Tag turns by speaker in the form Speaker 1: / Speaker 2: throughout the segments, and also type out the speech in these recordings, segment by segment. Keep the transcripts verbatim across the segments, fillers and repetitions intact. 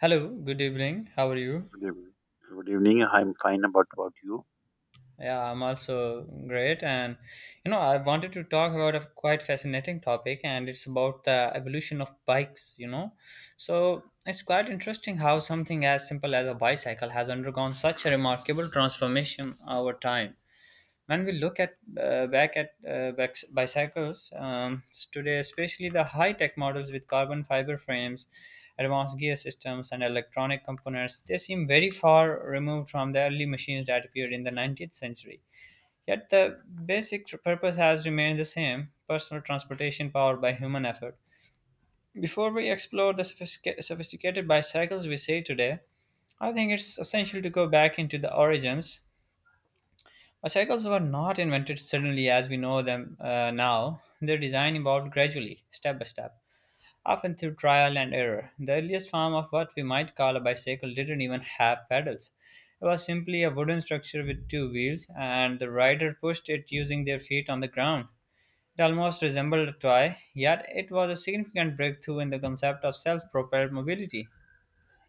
Speaker 1: Hello, good evening. How are you?
Speaker 2: Good evening. Good evening. I'm fine. About about you?
Speaker 1: Yeah, I'm also great. And you know, I wanted to talk about a quite fascinating topic, and it's about the evolution of bikes, you know. So it's quite interesting how something as simple as a bicycle has undergone such a remarkable transformation over time. When we look at uh, back at uh, bicy- bicycles um, today, especially the high-tech models with carbon fiber frames, advanced gear systems, and electronic components, they seem very far removed from the early machines that appeared in the nineteenth century. Yet the basic purpose has remained the same: personal transportation powered by human effort. Before we explore the sophistica- sophisticated bicycles we see today, I think it's essential to go back into the origins. Cycles were not invented suddenly as we know them uh, now. Their design evolved gradually, step by step, often through trial and error. The earliest form of what we might call a bicycle didn't even have pedals. It was simply a wooden structure with two wheels, and the rider pushed it using their feet on the ground. It almost resembled a toy, yet it was a significant breakthrough in the concept of self propelled mobility.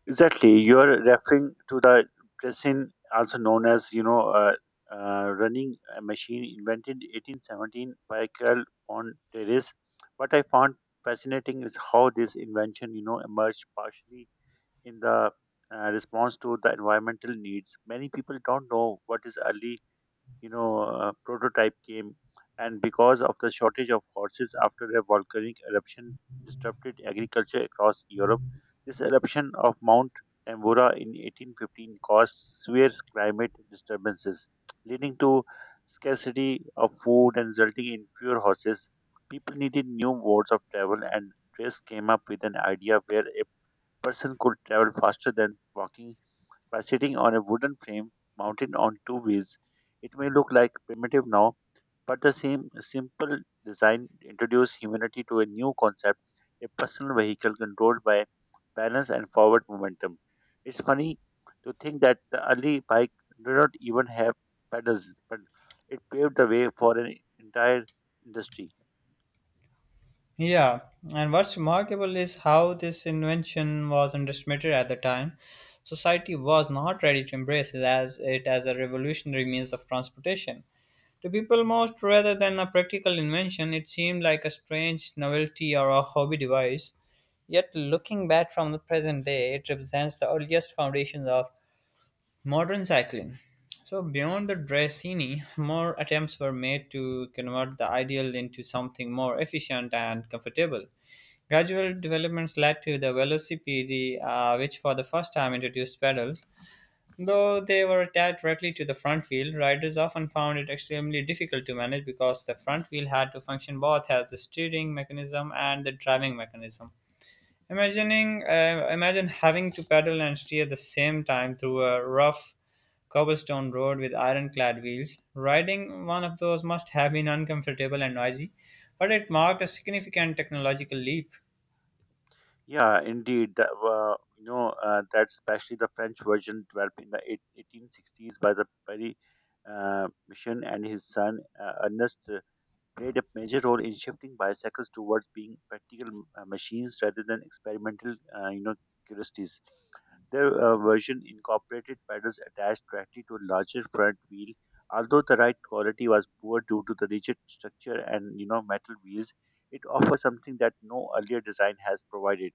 Speaker 2: Exactly. You are referring to the pressing, also known as you know, uh, uh, running a machine invented eighteen seventeen by Carl von Terrace. What I found fascinating is how this invention, you know, emerged partially in the uh, response to the environmental needs. Many people don't know what is early you know uh, prototype came and because of the shortage of horses after a volcanic eruption disrupted agriculture across europe, this eruption of mount tambora in eighteen fifteen caused severe climate disturbances leading to scarcity of food and resulting in fewer horses. People needed new modes of travel and trace came up with an idea where a person could travel faster than walking by sitting on a wooden frame mounted on two wheels. It may look like primitive now, but the same simple design introduced humanity to a new concept, a personal vehicle controlled by balance and forward momentum. It's funny to think that the early bike did not even have pedals, but it paved the way for an entire industry.
Speaker 1: Yeah, and what's remarkable is how this invention was underestimated at the time. Society was not ready to embrace it as it as a revolutionary means of transportation. To people most, rather than a practical invention, it seemed like a strange novelty or a hobby device. Yet, looking back from the present day, it represents the earliest foundations of modern cycling. So, beyond the Drassini, more attempts were made to convert the ideal into something more efficient and comfortable. Gradual developments led to the Velocipede, uh, which for the first time introduced pedals. Though they were attached directly to the front wheel, riders often found it extremely difficult to manage because the front wheel had to function both as the steering mechanism and the driving mechanism. Imagining, uh, imagine having to pedal and steer at the same time through a rough cobblestone road with ironclad wheels. Riding one of those must have been uncomfortable and noisy, but it marked a significant technological leap.
Speaker 2: Yeah, indeed. That, uh, you know, uh, that especially the French version developed in the eight- eighteen sixties by the Perry uh, Mission and his son uh, Ernest uh, played a major role in shifting bicycles towards being practical m- uh, machines rather than experimental, uh, you know, curiosities. Their uh, version incorporated pedals attached directly to a larger front wheel, although the ride quality was poor due to the rigid structure and you know metal wheels. It offers something that no earlier design has provided: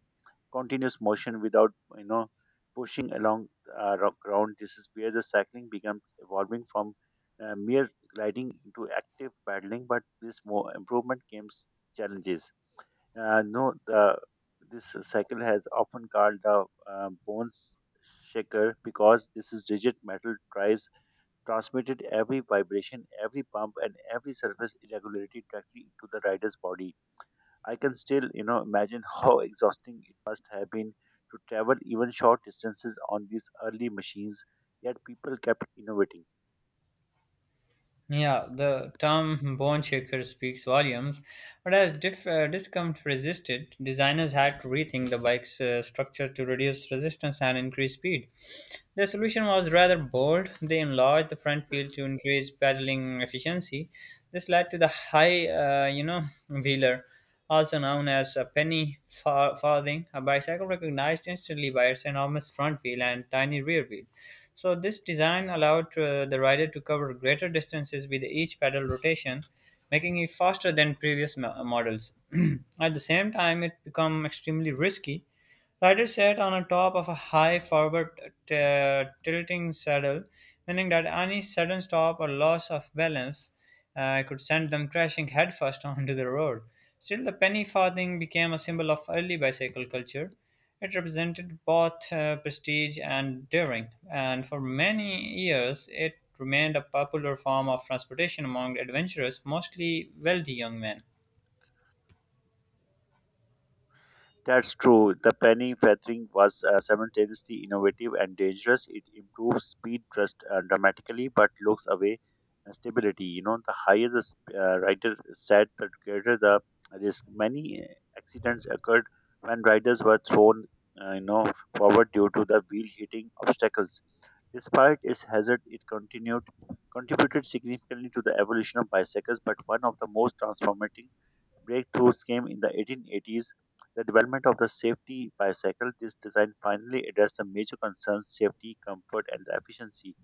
Speaker 2: continuous motion without you know pushing along uh, ro- ground. This is where the cycling becomes evolving from uh, mere gliding into active paddling. But this more improvement came challenges. Uh, no, the This cycle has often called the uh, bones shaker because this is rigid metal tries transmitted every vibration, every bump, and every surface irregularity directly into the rider's body. I can still, you know, imagine how exhausting it must have been to travel even short distances on these early machines, yet people kept innovating.
Speaker 1: Yeah, the term Bondshaker speaks volumes, but as dif- uh, discomfort resisted, designers had to rethink the bike's uh, structure to reduce resistance and increase speed. The solution was rather bold. They enlarged the front wheel to increase pedaling efficiency. This led to the high, uh, you know, wheeler, also known as a penny far- farthing, a bicycle recognized instantly by its enormous front wheel and tiny rear wheel. So, this design allowed uh, the rider to cover greater distances with each pedal rotation, making it faster than previous mo- models. At the same time, it became extremely risky. Rider sat on a top of a high forward uh, t- tilting saddle, meaning that any sudden stop or loss of balance uh, could send them crashing headfirst onto the road. Still, the penny farthing became a symbol of early bicycle culture. It represented both uh, prestige and daring, and for many years it remained a popular form of transportation among adventurous, mostly wealthy young men.
Speaker 2: That's true. The penny feathering was uh, simultaneously innovative and dangerous. It improves speed just uh, dramatically, but looks away uh, stability. You know, the higher the sp- uh, rider said, the greater the risk. Many uh, accidents occurred when riders were thrown, uh, you know, forward due to the wheel hitting obstacles. Despite its hazard, it continued contributed significantly to the evolution of bicycles, but one of the most transformative breakthroughs came in the eighteen eighties, the development of the safety bicycle. This design finally addressed the major concerns: safety, comfort, and the efficiency.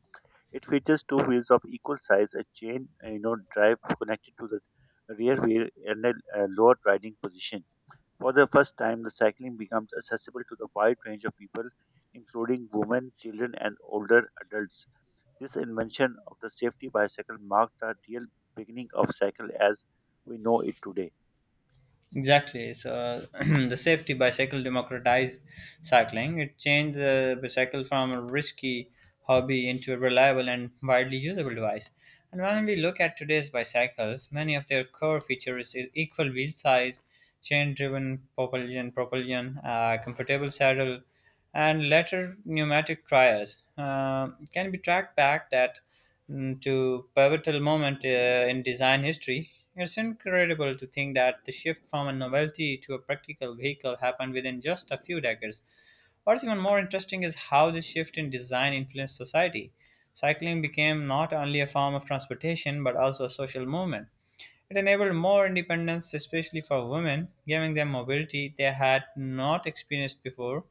Speaker 2: It features two wheels of equal size, a chain uh, you know, drive connected to the rear wheel, and a, a lower riding position. For the first time, the cycling becomes accessible to the wide range of people, including women, children, and older adults. This invention of the safety bicycle marked the real beginning of cycle as we know it today.
Speaker 1: Exactly. So the safety bicycle democratized cycling. It changed the bicycle from a risky hobby into a reliable and widely usable device. And when we look at today's bicycles, many of their core features is equal wheel size, chain-driven propulsion, propulsion, uh, comfortable saddle, and later pneumatic tires. Uh, can be tracked back that mm, to pivotal moment uh, in design history. It's incredible to think that the shift from a novelty to a practical vehicle happened within just a few decades. What's even more interesting is how this shift in design influenced society. Cycling became not only a form of transportation but also a social movement. It enabled more independence, especially for women, giving them mobility they had not experienced before.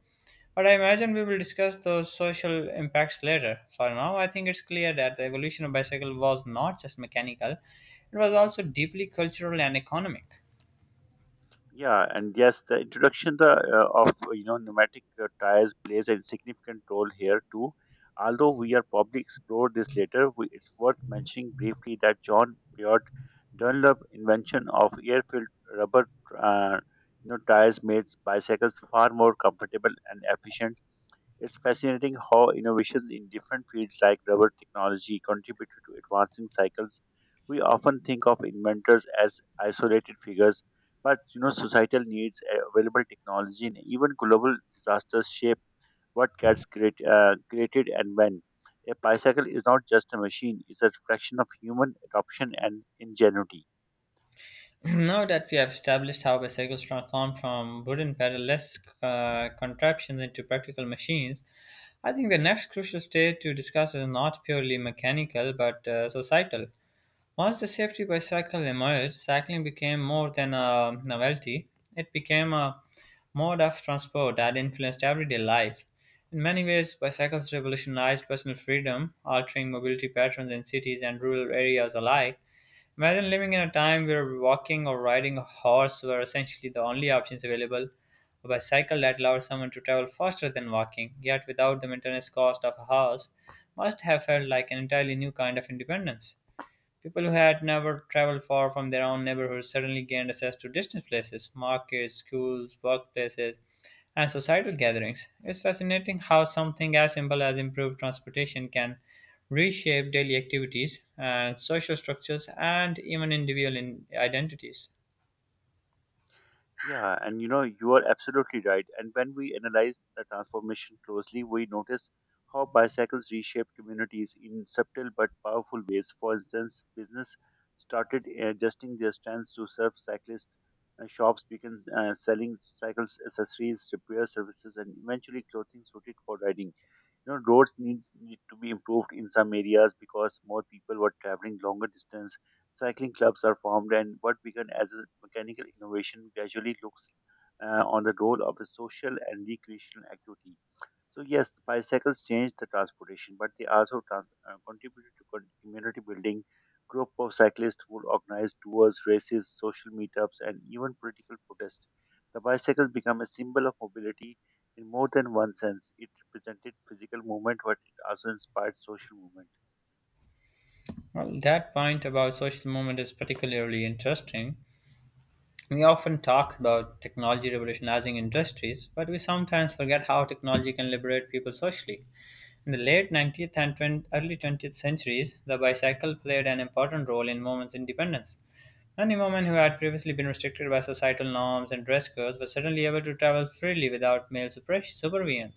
Speaker 1: But I imagine we will discuss those social impacts later. For now, I think it's clear that the evolution of bicycle was not just mechanical, it was also deeply cultural and economic.
Speaker 2: Yeah, and yes, the introduction the, uh, of you know pneumatic uh, tires plays a significant role here too. Although we are probably explore this later, we, it's worth mentioning briefly that John Beard Dunlop invention of air-filled rubber uh, you know tires made bicycles far more comfortable and efficient. It's fascinating how innovations in different fields like rubber technology contributed to advancing cycles. We often think of inventors as isolated figures, but you know, societal needs, uh, available technology, and even global disasters shape what gets create, uh, created and when. A bicycle is not just a machine; it's a reflection of human adoption and ingenuity.
Speaker 1: Now that we have established how bicycles transformed from wooden pedal-less uh, contraptions into practical machines, I think the next crucial stage to discuss is not purely mechanical but uh, societal. Once the safety bicycle emerged, cycling became more than a novelty. It became a mode of transport that influenced everyday life. In many ways, bicycles revolutionized personal freedom, altering mobility patterns in cities and rural areas alike. Imagine living in a time where walking or riding a horse were essentially the only options available. A bicycle that allowed someone to travel faster than walking, yet without the maintenance cost of a horse, must have felt like an entirely new kind of independence. People who had never traveled far from their own neighborhoods suddenly gained access to distant places, markets, schools, workplaces, and societal gatherings. It's fascinating how something as simple as improved transportation can reshape daily activities and social structures and even individual in- identities.
Speaker 2: Yeah, and you know, you are absolutely right. And when we analyze the transformation closely, we notice how bicycles reshaped communities in subtle but powerful ways. For instance, business started adjusting their stands to serve cyclists, and shops began uh, selling cycles, accessories, repair services, and eventually clothing suited for riding you know roads needs need to be improved in some areas because more people were traveling longer distance cycling clubs are formed and what began as a mechanical innovation gradually looks uh, on the role of a social and recreational activity so yes, the bicycles changed the transportation, but they also trans- uh, contributed to con- community building. Group of cyclists would organize tours, races, social meetups, and even political protests. The bicycle became a symbol of mobility in more than one sense. It represented physical movement, but it also inspired social movement.
Speaker 1: Well, that point about social movement is particularly interesting. We often talk about technology revolutionizing industries, but we sometimes forget how technology can liberate people socially. In the late nineteenth and twenty early twentieth centuries, the bicycle played an important role in women's independence. Many women who had previously been restricted by societal norms and dress codes were suddenly able to travel freely without male super- supervision.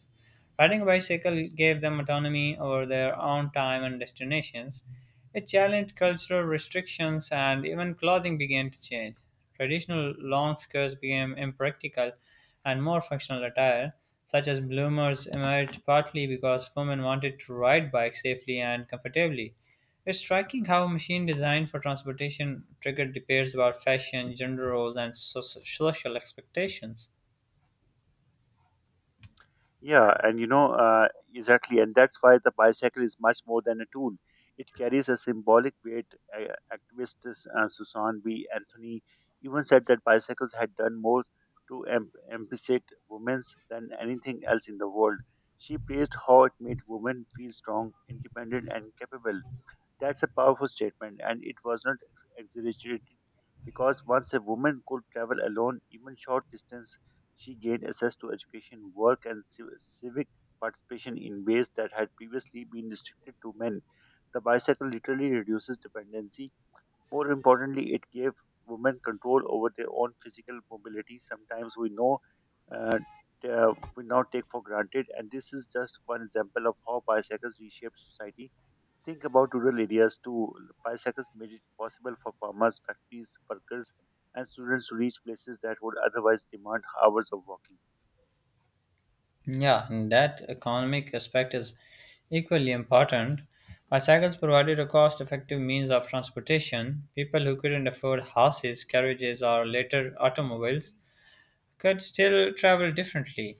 Speaker 1: Riding a bicycle gave them autonomy over their own time and destinations. It challenged cultural restrictions and even clothing began to change. Traditional long skirts became impractical and more functional attire, such as bloomers, emerged partly because women wanted to ride bikes safely and comfortably. It's striking how a machine designed for transportation triggered debates about fashion, gender roles, and so- social expectations.
Speaker 2: Yeah, and you know, uh, exactly. And that's why the bicycle is much more than a tool. It carries a symbolic weight. Uh, activist uh, Susan B. Anthony even said that bicycles had done more to em- empower women's than anything else in the world. She praised how it made women feel strong, independent, and capable. That's a powerful statement, and it was not ex- exaggerated because once a woman could travel alone, even short distance, she gained access to education, work, and civ- civic participation in ways that had previously been restricted to men. The bicycle literally reduces dependency. More importantly, it gave women control over their own physical mobility. Sometimes we know. Uh, t- uh, we now take for granted, and this is just one example of how bicycles reshape society. Think about rural areas too. Bicycles made it possible for farmers, factories, workers, and students to reach places that would otherwise demand hours of walking.
Speaker 1: Yeah, and that economic aspect is equally important. Bicycles provided a cost effective means of transportation. People who couldn't afford horses, carriages, or later automobiles could still travel differently.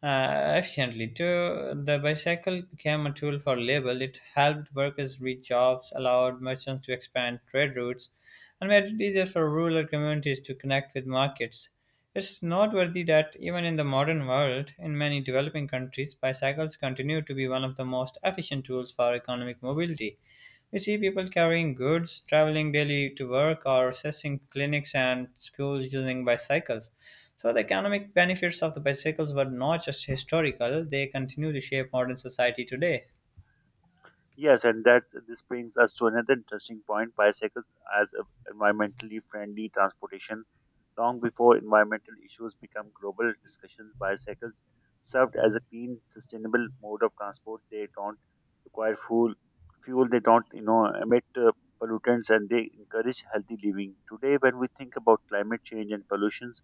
Speaker 1: Uh, efficiently. Too, the bicycle became a tool for labor. It helped workers reach jobs, allowed merchants to expand trade routes, and made it easier for rural communities to connect with markets. It's noteworthy that even in the modern world, in many developing countries, bicycles continue to be one of the most efficient tools for economic mobility. We see people carrying goods, traveling daily to work, or accessing clinics and schools using bicycles. So, the economic benefits of the bicycles were not just historical, they continue to shape modern society today.
Speaker 2: Yes, and that this brings us to another interesting point: bicycles as a environmentally friendly transportation. Long before environmental issues become global discussions, bicycles served as a clean, sustainable mode of transport. They don't require fuel, fuel. They don't, you know, emit uh, pollutants, and they encourage healthy living. Today, when we think about climate change and pollutions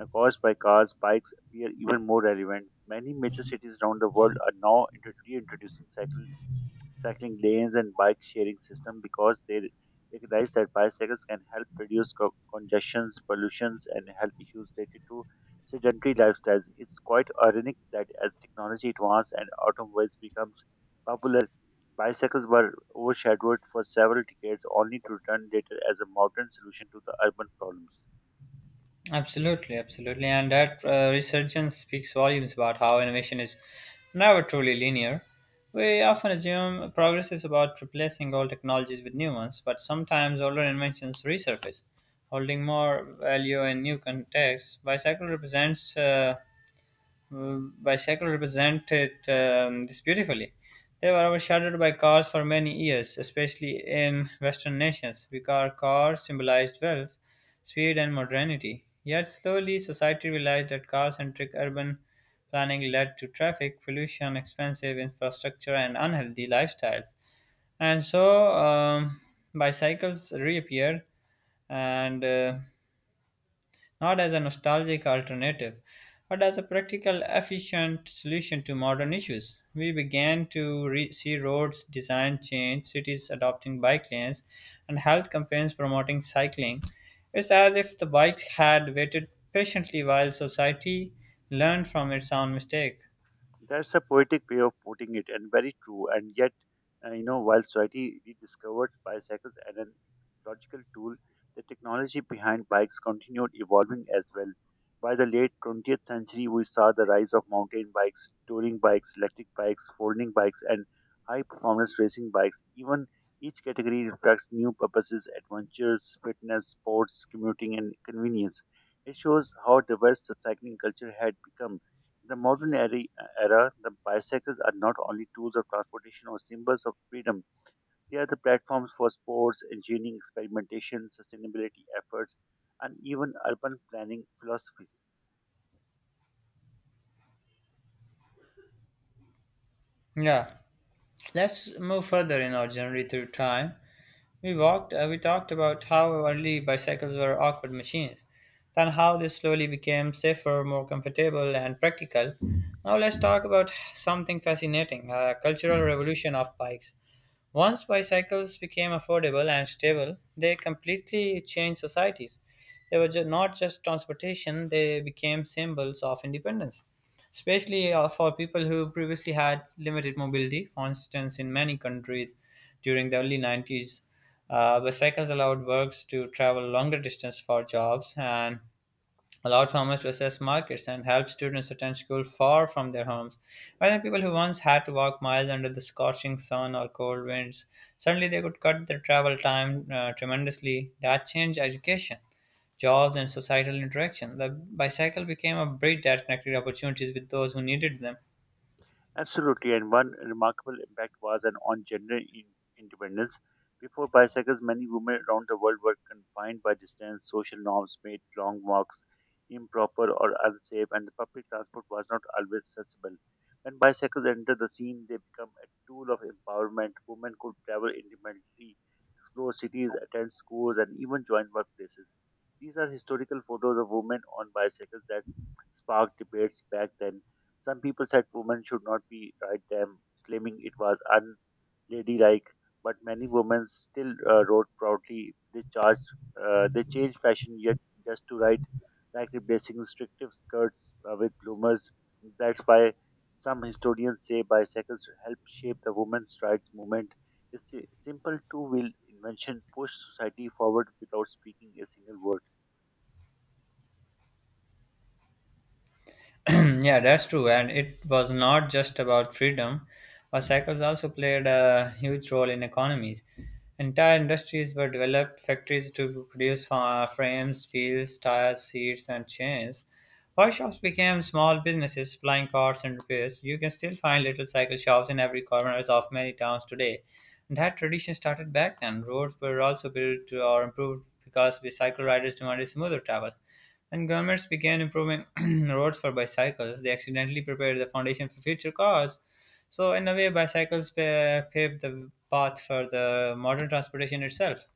Speaker 2: uh, caused by cars, bikes appear even more relevant. Many major cities around the world are now intro- reintroducing cycle cycling lanes and bike sharing system because they recognize that bicycles can help reduce co- congestions, pollutions, and health issues related to sedentary lifestyles. It's quite ironic that as technology advances and automobiles becomes popular, bicycles were overshadowed for several decades, only to return later as a modern solution to the urban problems.
Speaker 1: Absolutely, absolutely. And that uh, resurgence speaks volumes about how innovation is never truly linear. We often assume progress is about replacing old technologies with new ones, but sometimes older inventions resurface, holding more value in new contexts. Bicycle represents uh, bicycle represented um, this beautifully. They were overshadowed by cars for many years, especially in Western nations, because cars symbolized wealth, speed, and modernity. Yet slowly, society realized that car-centric urban planning led to traffic pollution, expensive infrastructure, and unhealthy lifestyles. And so, um, bicycles reappeared and uh, not as a nostalgic alternative, but as a practical, efficient solution to modern issues. We began to re- see roads design change, cities adopting bike lanes, and health campaigns promoting cycling. It's as if the bike had waited patiently while society learned from its own mistake.
Speaker 2: That's a poetic way of putting it, and very true. And yet, uh, you know, while society rediscovered bicycles as an ecological tool, the technology behind bikes continued evolving as well. By the late twentieth century, we saw the rise of mountain bikes, touring bikes, electric bikes, folding bikes, and high performance racing bikes. Even each category reflects new purposes: adventures, fitness, sports, commuting, and convenience. It shows how diverse the cycling culture had become. The modern era, era, the bicycles are not only tools of transportation or symbols of freedom. They are the platforms for sports, engineering, experimentation, sustainability efforts, and even urban planning philosophies.
Speaker 1: Yeah, let's move further in our journey through time. We walked. Uh, we talked about how early bicycles were awkward machines, then how they slowly became safer, more comfortable, and practical. Now let's talk about something fascinating: a cultural revolution of bikes. Once bicycles became affordable and stable, they completely changed societies. They were ju- not just transportation; they became symbols of independence, especially uh, for people who previously had limited mobility. For instance, in many countries, during the early nineties, uh, bicycles allowed workers to travel longer distance for jobs and allowed farmers to access markets and help students attend school far from their homes. While the people who once had to walk miles under the scorching sun or cold winds, suddenly they could cut their travel time uh, tremendously. That changed education, jobs and societal interaction. The bicycle became a bridge that connected opportunities with those who needed them.
Speaker 2: Absolutely, and one remarkable impact was an on gender in- independence. Before bicycles, many women around the world were confined by distance, social norms made long walks improper or unsafe, and the public transport was not always accessible. When bicycles entered the scene, they became a tool of empowerment. Women could travel independently, explore cities, attend schools, and even join workplaces. These are historical photos of women on bicycles that sparked debates back then. Some people said women should not be ride them, claiming it was unladylike. But many women still uh, rode proudly. They charged, uh, they changed fashion yet just to ride, like replacing restrictive skirts uh, with bloomers. That's why some historians say bicycles helped shape the women's rights movement. This si- simple two wheeled invention pushed society forward without speaking a single word.
Speaker 1: Yeah, that's true. And it was not just about freedom. Our cycles also played a huge role in economies. Entire industries were developed, factories to produce fa- frames, wheels, tires, seats, and chains. Workshops became small businesses supplying parts and repairs. You can still find little cycle shops in every corner of many towns today. And that tradition started back then. Roads were also built or improved because bicycle riders demanded smoother travel. When governments began improving roads for bicycles, they accidentally prepared the foundation for future cars. So, in a way, bicycles pa- paved the path for the modern transportation itself.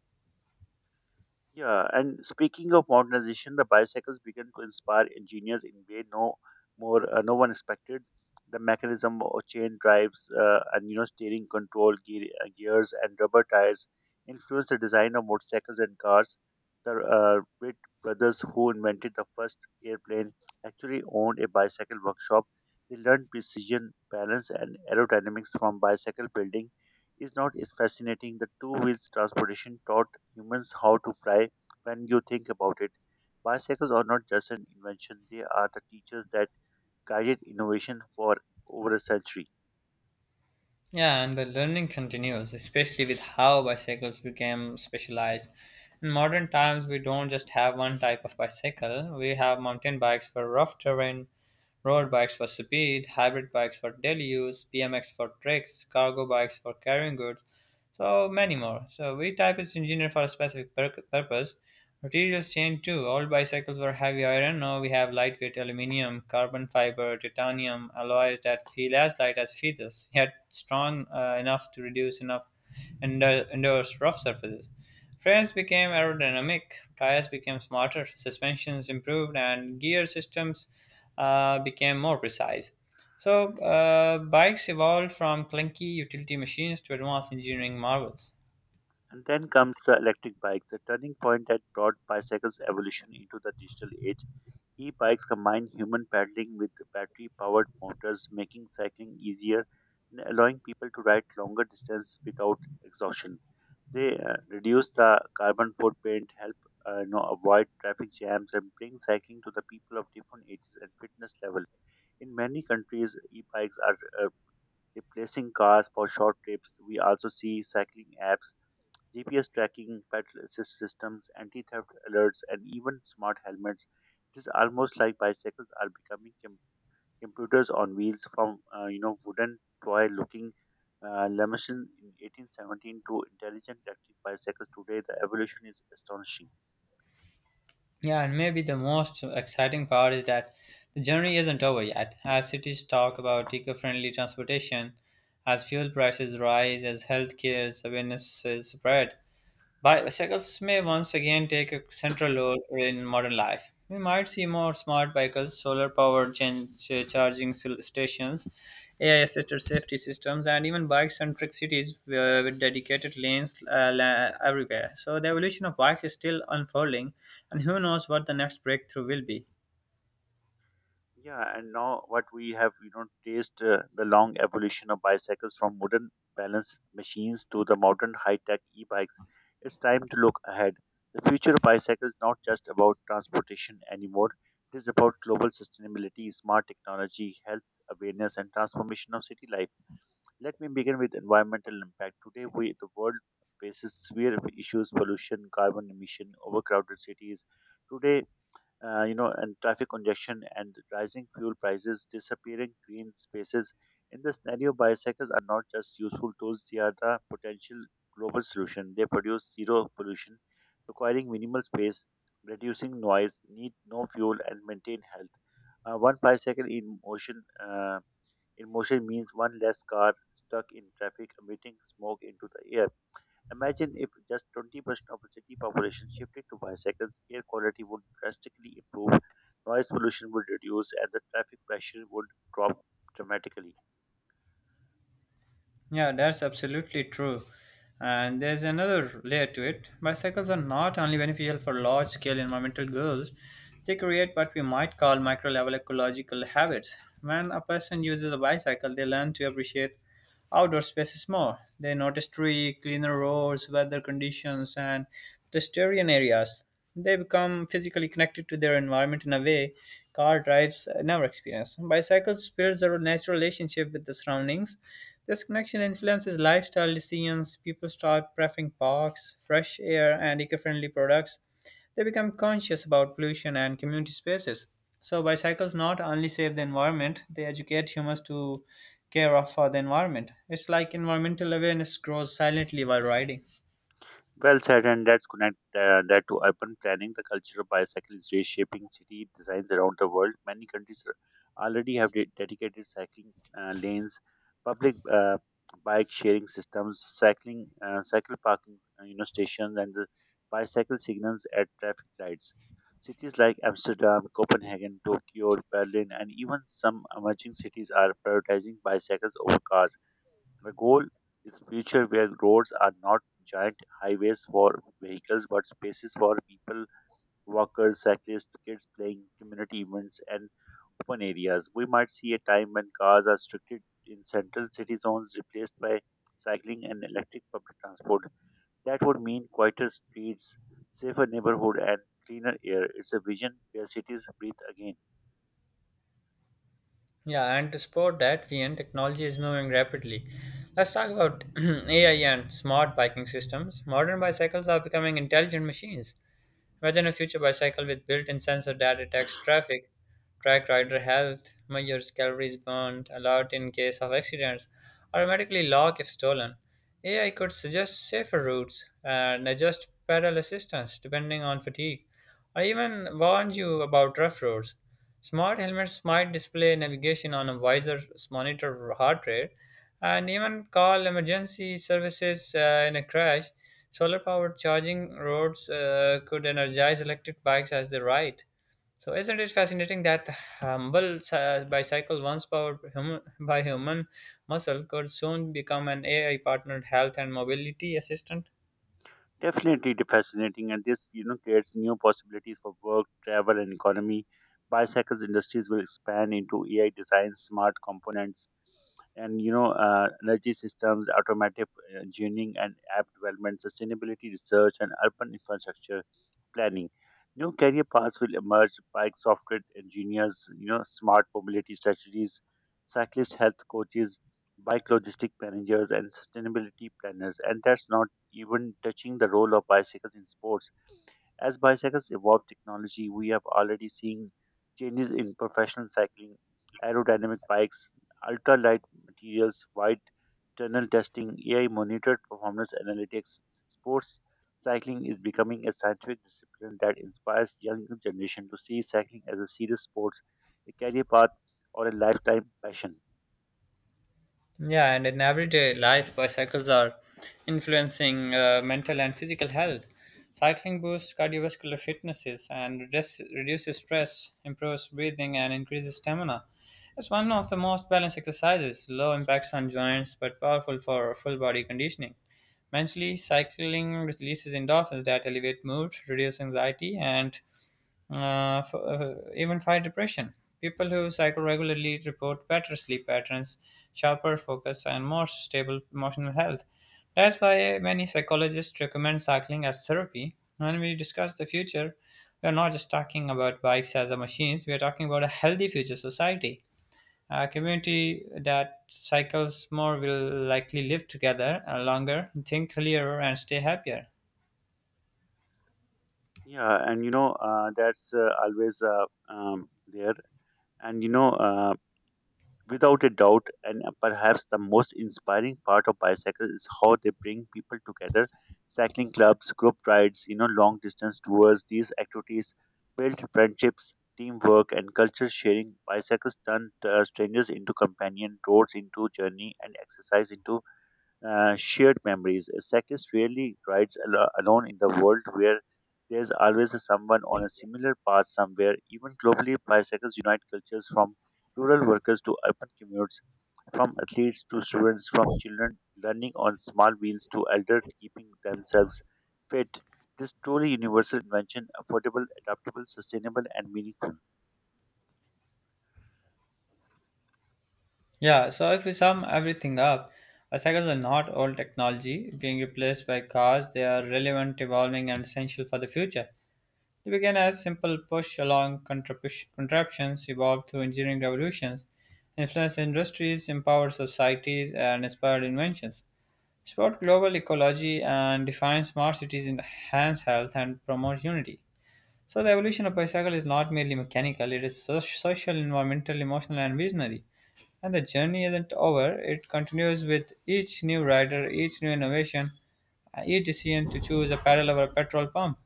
Speaker 2: Yeah, and speaking of modernization, the bicycles began to inspire engineers in way no more uh, no one expected. The mechanism or chain drives uh, and you know steering control gear, uh, gears and rubber tires influenced the design of motorcycles and cars. The uh, Wright brothers who invented the first airplane actually owned a bicycle workshop. They learned precision, balance, and aerodynamics from bicycle building. Is not it fascinating? The two wheels transportation taught humans how to fly. When you think about it, bicycles are not just an invention, they are the teachers that guided innovation for over a century.
Speaker 1: Yeah, and the learning continues, especially with how bicycles became specialized. In modern times, we don't just have one type of bicycle. We have mountain bikes for rough terrain, road bikes for speed, hybrid bikes for daily use, B M X for tricks, cargo bikes for carrying goods, so many more. So V type is engineered for a specific pur- purpose. Materials change too. Old bicycles were heavy iron. Now we have lightweight aluminium, carbon fiber, titanium alloys that feel as light as feathers, yet strong uh, enough to reduce enough and endures rough surfaces. Frames became aerodynamic, tires became smarter, suspensions improved, and gear systems uh, became more precise. So, uh, bikes evolved from clunky utility machines to advanced engineering marvels.
Speaker 2: And then comes the electric bikes, a turning point that brought bicycles' evolution into the digital age. E bikes combine human pedaling with battery powered motors, making cycling easier and allowing people to ride longer distances without exhaustion. They uh, reduce the carbon footprint, help uh, you know, avoid traffic jams, and bring cycling to the people of different ages and fitness level. In many countries, e-bikes are uh, replacing cars for short trips. We also see cycling apps, G P S tracking, pedal assist systems, anti-theft alerts, and even smart helmets. It is almost like bicycles are becoming computers on wheels from uh, you know wooden toy looking uh, Lamation in eighteen seventeen to intelligent electric bicycles today. The evolution is astonishing.
Speaker 1: Yeah, and maybe the most exciting part is that the journey isn't over yet. As cities talk about eco friendly transportation, as fuel prices rise, as healthcare awareness is spread, bicycles may once again take a central role in modern life. We might see more smart vehicles, solar powered chan- ch- charging sil- stations, A I assisted safety systems, and even bike centric cities uh, with dedicated lanes uh, la- everywhere. So, the evolution of bikes is still unfolding, and who knows what the next breakthrough will be.
Speaker 2: Yeah, and now what we have, you know, traced uh, the long evolution of bicycles from wooden balance machines to the modern high-tech e-bikes. It's time to look ahead. The future of bicycles is not just about transportation anymore. It is about global sustainability, smart technology, health awareness, and transformation of city life. Let me begin with environmental impact. Today, we, the world faces severe issues: pollution, carbon emission, overcrowded cities. Today, uh, you know, and traffic congestion and rising fuel prices, disappearing green spaces. In this scenario, bicycles are not just useful tools; they are the potential global solution. They produce zero pollution, requiring minimal space, reducing noise, need no fuel, and maintain health. Uh, one bicycle in motion. Uh, Emotion means one less car stuck in traffic emitting smoke into the air. Imagine if just twenty percent of the city population shifted to bicycles, air quality would drastically improve, noise pollution would reduce, and the traffic pressure would drop dramatically.
Speaker 1: Yeah, that's absolutely true. And there's another layer to it. Bicycles are not only beneficial for large scale environmental goals, they create what we might call micro level ecological habits. When a person uses a bicycle, they learn to appreciate outdoor spaces more. They notice tree, cleaner roads, weather conditions, and pedestrian areas. They become physically connected to their environment in a way car drives uh, never experience. Bicycles builds a natural relationship with the surroundings. This connection influences lifestyle decisions. People start preferring parks, fresh air, and eco-friendly products. They become conscious about pollution and community spaces. So bicycles not only save the environment, they educate humans to care of for the environment. It's like environmental awareness grows silently while riding.
Speaker 2: Well said, and let's connect uh, that to urban planning. The culture of bicycle is reshaping city designs around the world. Many countries are- already have de- dedicated cycling uh, lanes, public uh, bike sharing systems, cycling uh, cycle parking uh, you know stations, and the bicycle signals at traffic lights. Cities like Amsterdam, Copenhagen, Tokyo, Berlin, and even some emerging cities are prioritizing bicycles over cars. The goal is future where roads are not giant highways for vehicles but spaces for people, walkers, cyclists, kids playing, community events, and open areas. We might see a time when cars are restricted in central city zones, replaced by cycling and electric public transport. That would mean quieter streets, safer neighborhood, and cleaner air. It's a vision where cities breathe again.
Speaker 1: Yeah, and to support that, V N technology is moving rapidly. Let's talk about A I and smart biking systems. Modern bicycles are becoming intelligent machines. Imagine a future bicycle with built in sensor that detects traffic, track rider health, measures calories burned, alert in case of accidents, automatically lock if stolen. A I could suggest safer routes and adjust pedal assistance depending on fatigue, or even warn you about rough roads. Smart helmets might display navigation on a visor, monitor heart rate, and even call emergency services uh, in a crash. Solar powered charging roads uh, could energize electric bikes as they ride. So, isn't it fascinating that humble uh, bicycle, once powered hum- by human muscle, could soon become an A I partnered health and mobility assistant?
Speaker 2: Definitely de- fascinating, and this you know creates new possibilities for work, travel, and economy. Bicycles industries will expand into A I design, smart components, and you know uh, energy systems, automotive engineering and app development, sustainability research, and urban infrastructure planning. New career paths will emerge: bike software engineers, you know, smart mobility strategies, cyclist health coaches, bike logistic managers, and sustainability planners. And that's not even touching the role of bicycles in sports. As bicycles evolve technology, we have already seen changes in professional cycling, aerodynamic bikes, ultralight materials, wide tunnel testing, A I monitored performance analytics. Sports cycling is becoming a scientific discipline that inspires young generation to see cycling as a serious sport, a career path, or a lifetime passion.
Speaker 1: Yeah, and in everyday life, bicycles are influencing uh, mental and physical health. Cycling boosts cardiovascular fitnesses and reduce, reduces stress, improves breathing, and increases stamina. It's one of the most balanced exercises, low impacts on joints but powerful for full body conditioning. Mentally, cycling releases endorphins that elevate mood, reduce anxiety, and uh, f- uh, even fight depression. People who cycle regularly report better sleep patterns, sharper focus, and more stable emotional health. That's why many psychologists recommend cycling as therapy. When we discuss the future, we are not just talking about bikes as a machines, we are talking about a healthy future society. A community that cycles more will likely live together uh, longer, think clearer, and stay happier.
Speaker 2: Yeah, and you know uh, that's uh, always uh, um, there. And you know, uh, Without a doubt, and perhaps the most inspiring part of bicycles is how they bring people together. Cycling clubs, group rides, you know, long distance tours, these activities build friendships, teamwork, and culture sharing. Bicycles turn uh, strangers into companion, roads into journey, and exercise into uh, shared memories. A cyclist rarely rides alo- alone in the world where there's always someone on a similar path somewhere. Even globally, bicycles unite cultures from rural workers to urban commutes, from athletes to students, from children learning on small wheels to elders keeping themselves fit. This truly universal invention, affordable, adaptable, sustainable, and meaningful.
Speaker 1: Yeah, so if we sum everything up, uh, cycles are not old technology being replaced by cars. They are relevant, evolving, and essential for the future. They began as simple push along contraptions, evolved through engineering revolutions, influenced industries, empowered societies, and inspired inventions. Support global ecology and define smart cities, enhance health, and promote unity. So the evolution of bicycle is not merely mechanical; it is so- social, environmental, emotional, and visionary. And the journey isn't over; it continues with each new rider, each new innovation, uh, each decision to choose a pedal over a petrol pump.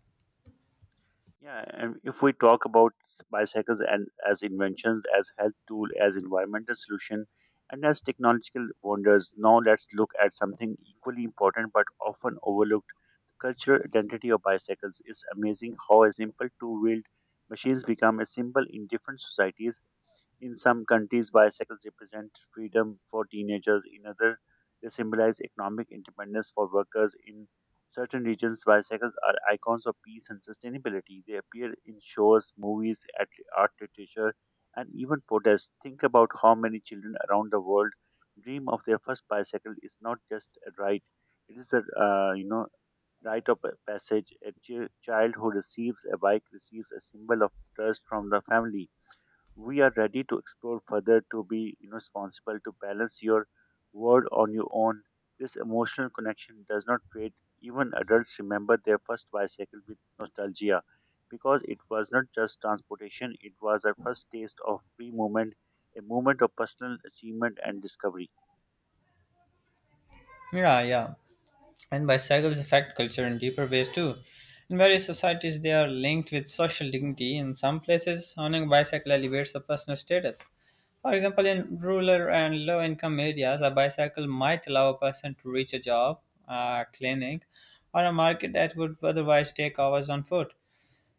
Speaker 2: Yeah, and if we talk about bicycles and as inventions, as health tool, as environmental solution, and as technological wonders, now let's look at something equally important but often overlooked: the cultural identity of bicycles. It's amazing how a simple two-wheeled machines become a symbol in different societies. In some countries, bicycles represent freedom for teenagers. In other, they symbolize economic independence for workers. In certain regions, bicycles are icons of peace and sustainability. They appear in shows, movies, at art, literature, and even protests. Think about how many children around the world dream of their first bicycle. Is not just a right; it is a uh, you know rite of passage. A chi- child who receives a bike receives a symbol of trust from the family. We are ready to explore further, to be you know, responsible, to balance your world on your own. This emotional connection does not fade. Even adults remember their first bicycle with nostalgia because it was not just transportation, it was a first taste of free movement, a moment of personal achievement and discovery.
Speaker 1: Yeah, yeah, and bicycles affect culture in deeper ways too. In various societies, they are linked with social dignity. In some places, owning a bicycle elevates a personal status. For example, in rural and low income areas, a bicycle might allow a person to reach a job, a clinic, or a market that would otherwise take hours on foot.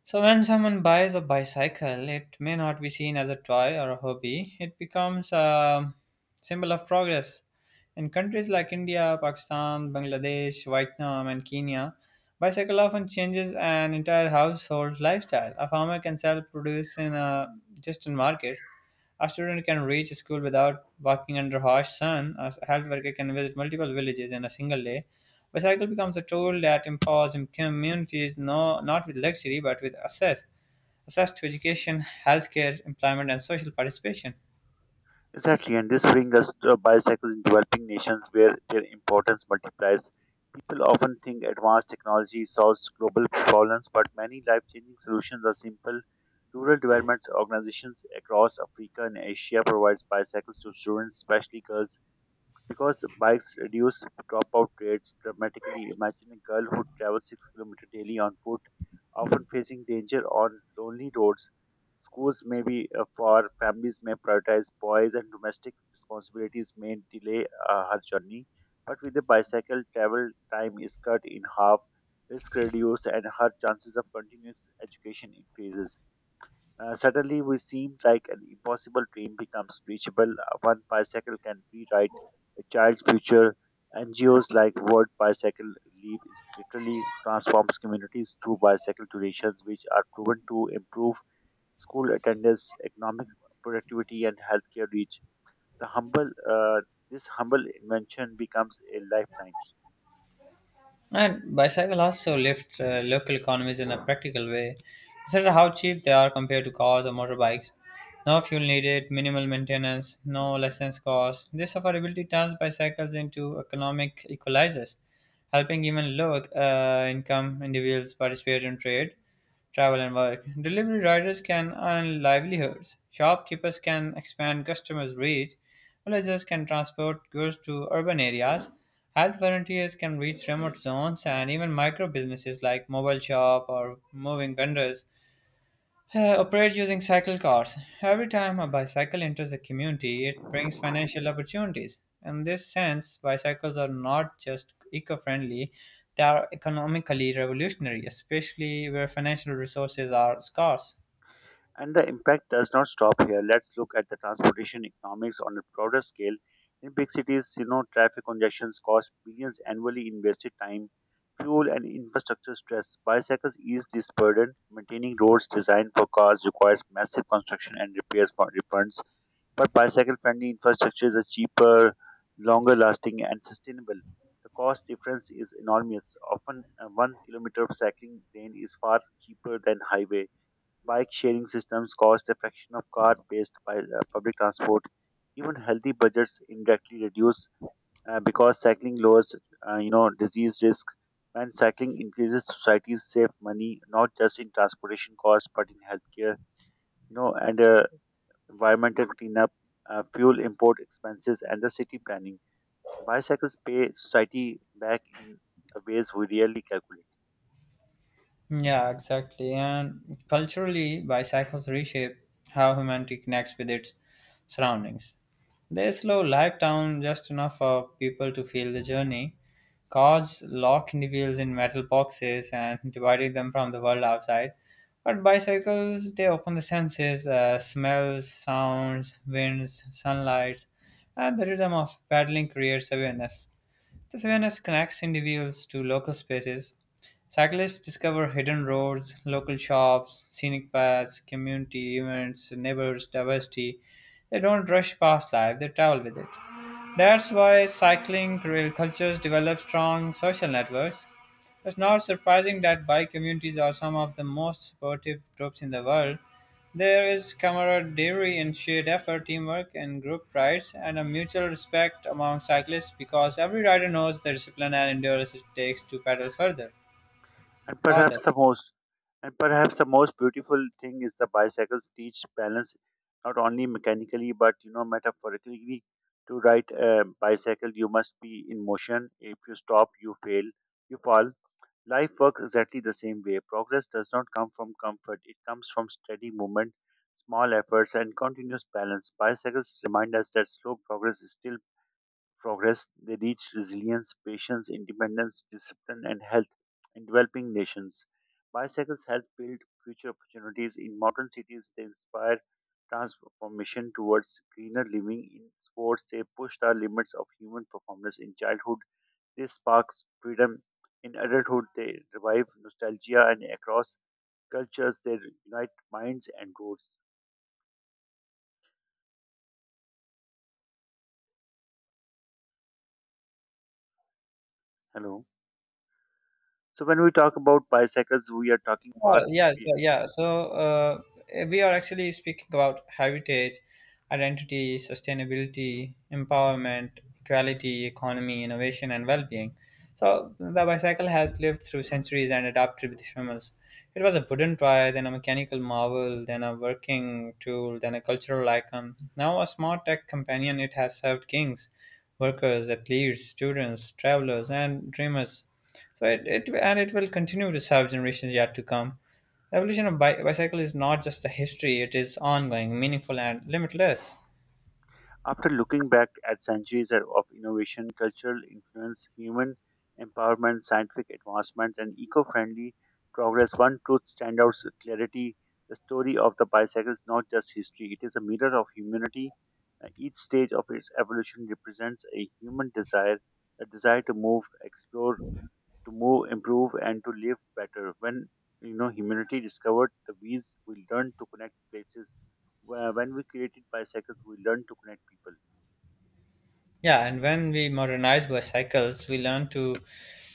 Speaker 1: So, when someone buys a bicycle, it may not be seen as a toy or a hobby. It becomes a symbol of progress. In countries like India, Pakistan, Bangladesh, Vietnam, and Kenya, bicycle often changes an entire household lifestyle. A farmer can sell produce in a distant market. A student can reach school without walking under harsh sun. A health worker can visit multiple villages in a single day. Bicycle becomes a tool that empowers im- communities no, not with luxury but with access, access to education, healthcare, employment, and social participation.
Speaker 2: Exactly, and this brings us to bicycles in developing nations where their importance multiplies. People often think advanced technology solves global problems, but many life changing solutions are simple. Rural development organizations across Africa and Asia provides bicycles to students, especially girls, because bikes reduce dropout rates dramatically. Imagine a girl who travels six kilometers daily on foot, often facing danger on lonely roads. Schools may be uh, for Families may prioritize boys, and domestic responsibilities may delay uh, her journey. But with a bicycle, travel time is cut in half, risk reduced, and her chances of continuous education increases. Uh, suddenly, we seemed like an impossible dream becomes reachable. Uh, One bicycle can rewrite a child's future. N G Os like World Bicycle League is literally transforms communities through bicycle donations, which are proven to improve school attendance, economic productivity, and healthcare reach. The humble, uh, this humble invention becomes a lifeline.
Speaker 1: And bicycle also lift uh, local economies in a practical way. Consider how cheap they are compared to cars or motorbikes. No fuel needed, minimal maintenance, no license cost. This affordability turns bicycles into economic equalizers, helping even low uh, income individuals participate in trade, travel and work. Delivery riders can earn livelihoods, shopkeepers can expand customers' reach, villagers can transport goods to urban areas, health volunteers can reach remote zones, and even micro businesses like mobile shop or moving vendors uh, operate using cycle cars. Every time a bicycle enters a community, it brings financial opportunities. In this sense, bicycles are not just eco friendly, they are economically revolutionary, especially where financial resources are scarce.
Speaker 2: And the impact does not stop here. Let's look at the transportation economics on a broader scale. In big cities, you know, traffic congestions cost billions annually in wasted time, fuel, and infrastructure stress. Bicycles ease this burden. Maintaining roads designed for cars requires massive construction and repairs for refunds. But bicycle-friendly infrastructures are cheaper, longer-lasting, and sustainable. The cost difference is enormous. Often, a one-kilometer cycling lane is far cheaper than highway. Bike sharing systems cost a fraction of car based by uh, public transport. Even healthy budgets indirectly reduce uh, because cycling lowers, uh, you know, disease risk. When cycling increases, society's save money not just in transportation costs but in healthcare, you know, and uh, environmental cleanup, uh, fuel import expenses, and the city planning. Bicycles pay society back in the ways we rarely calculate.
Speaker 1: Yeah, exactly. And culturally, bicycles reshape how humanity connects with its surroundings. They slow life down just enough for people to feel the journey, cars lock individuals in metal boxes and dividing them from the world outside. But bicycles, they open the senses, uh, smells, sounds, winds, sunlight, and the rhythm of pedaling creates awareness. This awareness connects individuals to local spaces. Cyclists discover hidden roads, local shops, scenic paths, community events, neighbors, diversity. They don't rush past life, they travel with it. That's why cycling cultures develop strong social networks. It's not surprising that bike communities are some of the most supportive groups in the world. There is camaraderie and shared effort, teamwork, and group rides, and a mutual respect among cyclists because every rider knows the discipline and endurance it takes to pedal further,
Speaker 2: And
Speaker 1: farther.
Speaker 2: perhaps the most and perhaps the most beautiful thing is the bicycles teach balance not only mechanically but you know metaphorically. To ride a bicycle, you must be in motion. If you stop, you fail, you fall. Life works exactly the same way. Progress does not come from comfort; it comes from steady movement, small efforts, and continuous balance. Bicycles remind us that slow progress is still progress. They reach resilience, patience, independence, discipline, and health. In developing nations, bicycles help build future opportunities. In modern cities, they inspire transformation towards greener living. In sports, they push the limits of human performance. In childhood, they spark freedom. In adulthood, they revive nostalgia, and across cultures, they unite minds and roads. Hello. So when we talk about bicycles, we are talking far.
Speaker 1: Oh, yeah, so yeah, so uh, we are actually speaking about heritage, identity, sustainability, empowerment, equality, economy, innovation, and well-being. So the bicycle has lived through centuries and adapted with humans. It was a wooden toy, then a mechanical marvel, then a working tool, then a cultural icon. Now a smart tech companion, it has served kings, workers, athletes, students, travelers, and dreamers. So it, it and it will continue to serve generations yet to come. The evolution of bi- bicycle is not just a history; it is ongoing, meaningful, and limitless.
Speaker 2: After looking back at centuries of innovation, cultural influence, human empowerment, scientific advancement, and eco friendly progress, one truth stands out with clarity. The story of the bicycle is not just history, it is a mirror of humanity. Uh, Each stage of its evolution represents a human desire, a desire to move, explore, to move, improve, and to live better. When you know humanity discovered the wheels, we learned to connect places. Wh- When we created bicycles, we learned to connect people.
Speaker 1: Yeah, and when we modernize bicycles, we learn to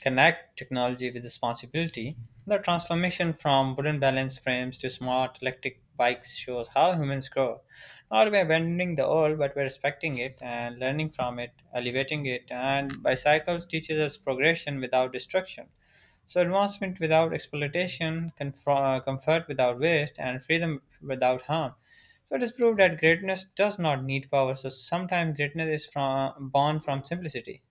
Speaker 1: connect technology with responsibility. The transformation from wooden balance frames to smart electric bikes shows how humans grow. Not by abandoning the old, but by respecting it and learning from it, elevating it, and bicycles teaches us progression without destruction. So, advancement without exploitation, confro- uh, comfort without waste, and freedom without harm. So, it is proved that greatness does not need power. So, sometimes greatness is from, born from simplicity.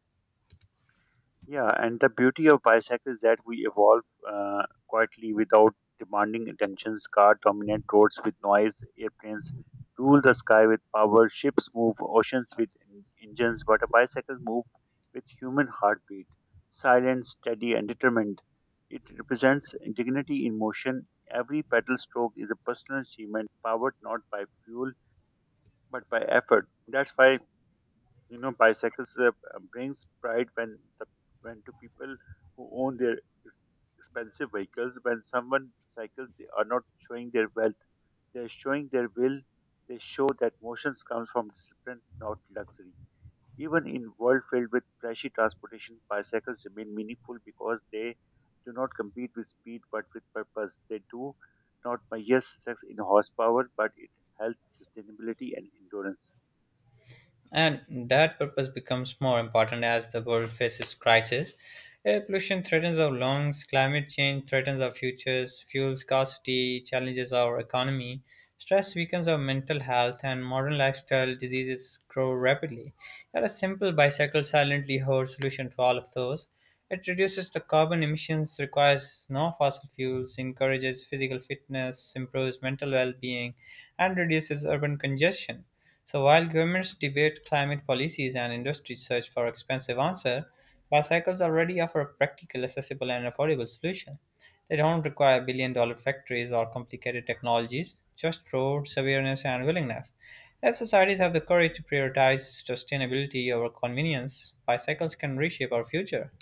Speaker 2: Yeah, and the beauty of BISEC is that we evolve uh, quietly without demanding attentions. Car dominate roads with noise, airplanes rule the sky with power, ships move oceans with en- engines, but a bicycle move with human heartbeat, silent, steady, and determined. It represents dignity in motion. Every pedal stroke is a personal achievement, powered not by fuel but by effort. That's why you know bicycles uh, brings pride when the when to people who own their ex- expensive vehicles. When someone cycles, they are not showing their wealth, they're showing their will. They show that motions comes from discipline, not luxury. Even in world filled with flashy transportation, bicycles remain meaningful because they do not compete with speed but with purpose. They do not measure sex in horsepower but it health, sustainability, and endurance.
Speaker 1: And that purpose becomes more important as the world faces crisis. Air pollution threatens our lungs, climate change threatens our futures, fuel scarcity challenges our economy, stress weakens our mental health, and modern lifestyle diseases grow rapidly. Yet a simple bicycle silently holds solution to all of those. It reduces the carbon emissions, requires no fossil fuels, encourages physical fitness, improves mental well being, and reduces urban congestion. So while governments debate climate policies and industries search for expensive answers, bicycles already offer a practical, accessible, and affordable solution. They don't require billion dollar factories or complicated technologies, just roads, awareness, and willingness. As societies have the courage to prioritize sustainability over convenience, bicycles can reshape our future.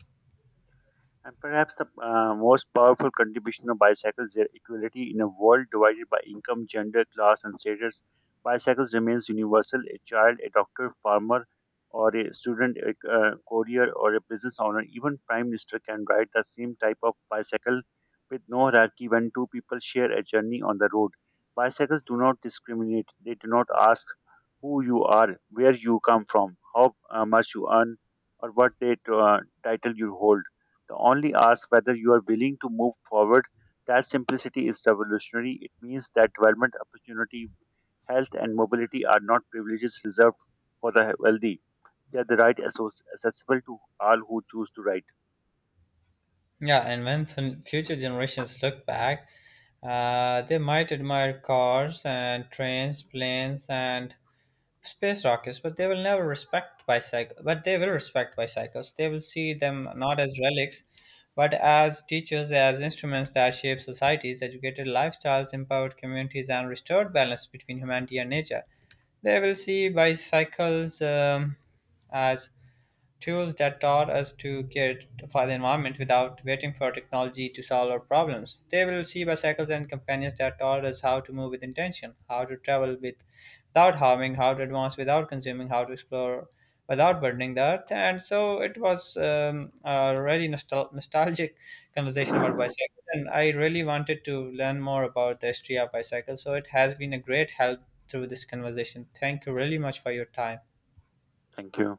Speaker 2: And perhaps the uh, most powerful contribution of bicycles is their equality in a world divided by income, gender, class, and status. Bicycles remains universal. A child, a doctor, farmer, or a student, a uh, courier, or a business owner, even prime minister can ride the same type of bicycle with no hierarchy when two people share a journey on the road. Bicycles do not discriminate. They do not ask who you are, where you come from, how uh, much you earn, or what they uh, title you hold. The only asks whether you are willing to move forward. That simplicity is revolutionary. It means that development opportunity, health, and mobility are not privileges reserved for the wealthy. They are the right assos- accessible to all who choose to write.
Speaker 1: Yeah, and when fun- future generations look back, uh, they might admire cars and trains, planes, and space rockets, but they will never respect bicycle. But they will respect bicycles. They will see them not as relics, but as teachers, as instruments that shape societies, educated lifestyles, empowered communities, and restored balance between humanity and nature. They will see bicycles um, as tools that taught us to care for the environment without waiting for technology to solve our problems. They will see bicycles and companions that taught us how to move with intention, how to travel with, without harming, how to advance without consuming, how to explore without burdening the earth. And so it was um, a really nostal- nostalgic conversation about bicycles. And I really wanted to learn more about the history of bicycles. So it has been a great help through this conversation. Thank you really much for your time.
Speaker 2: Thank you.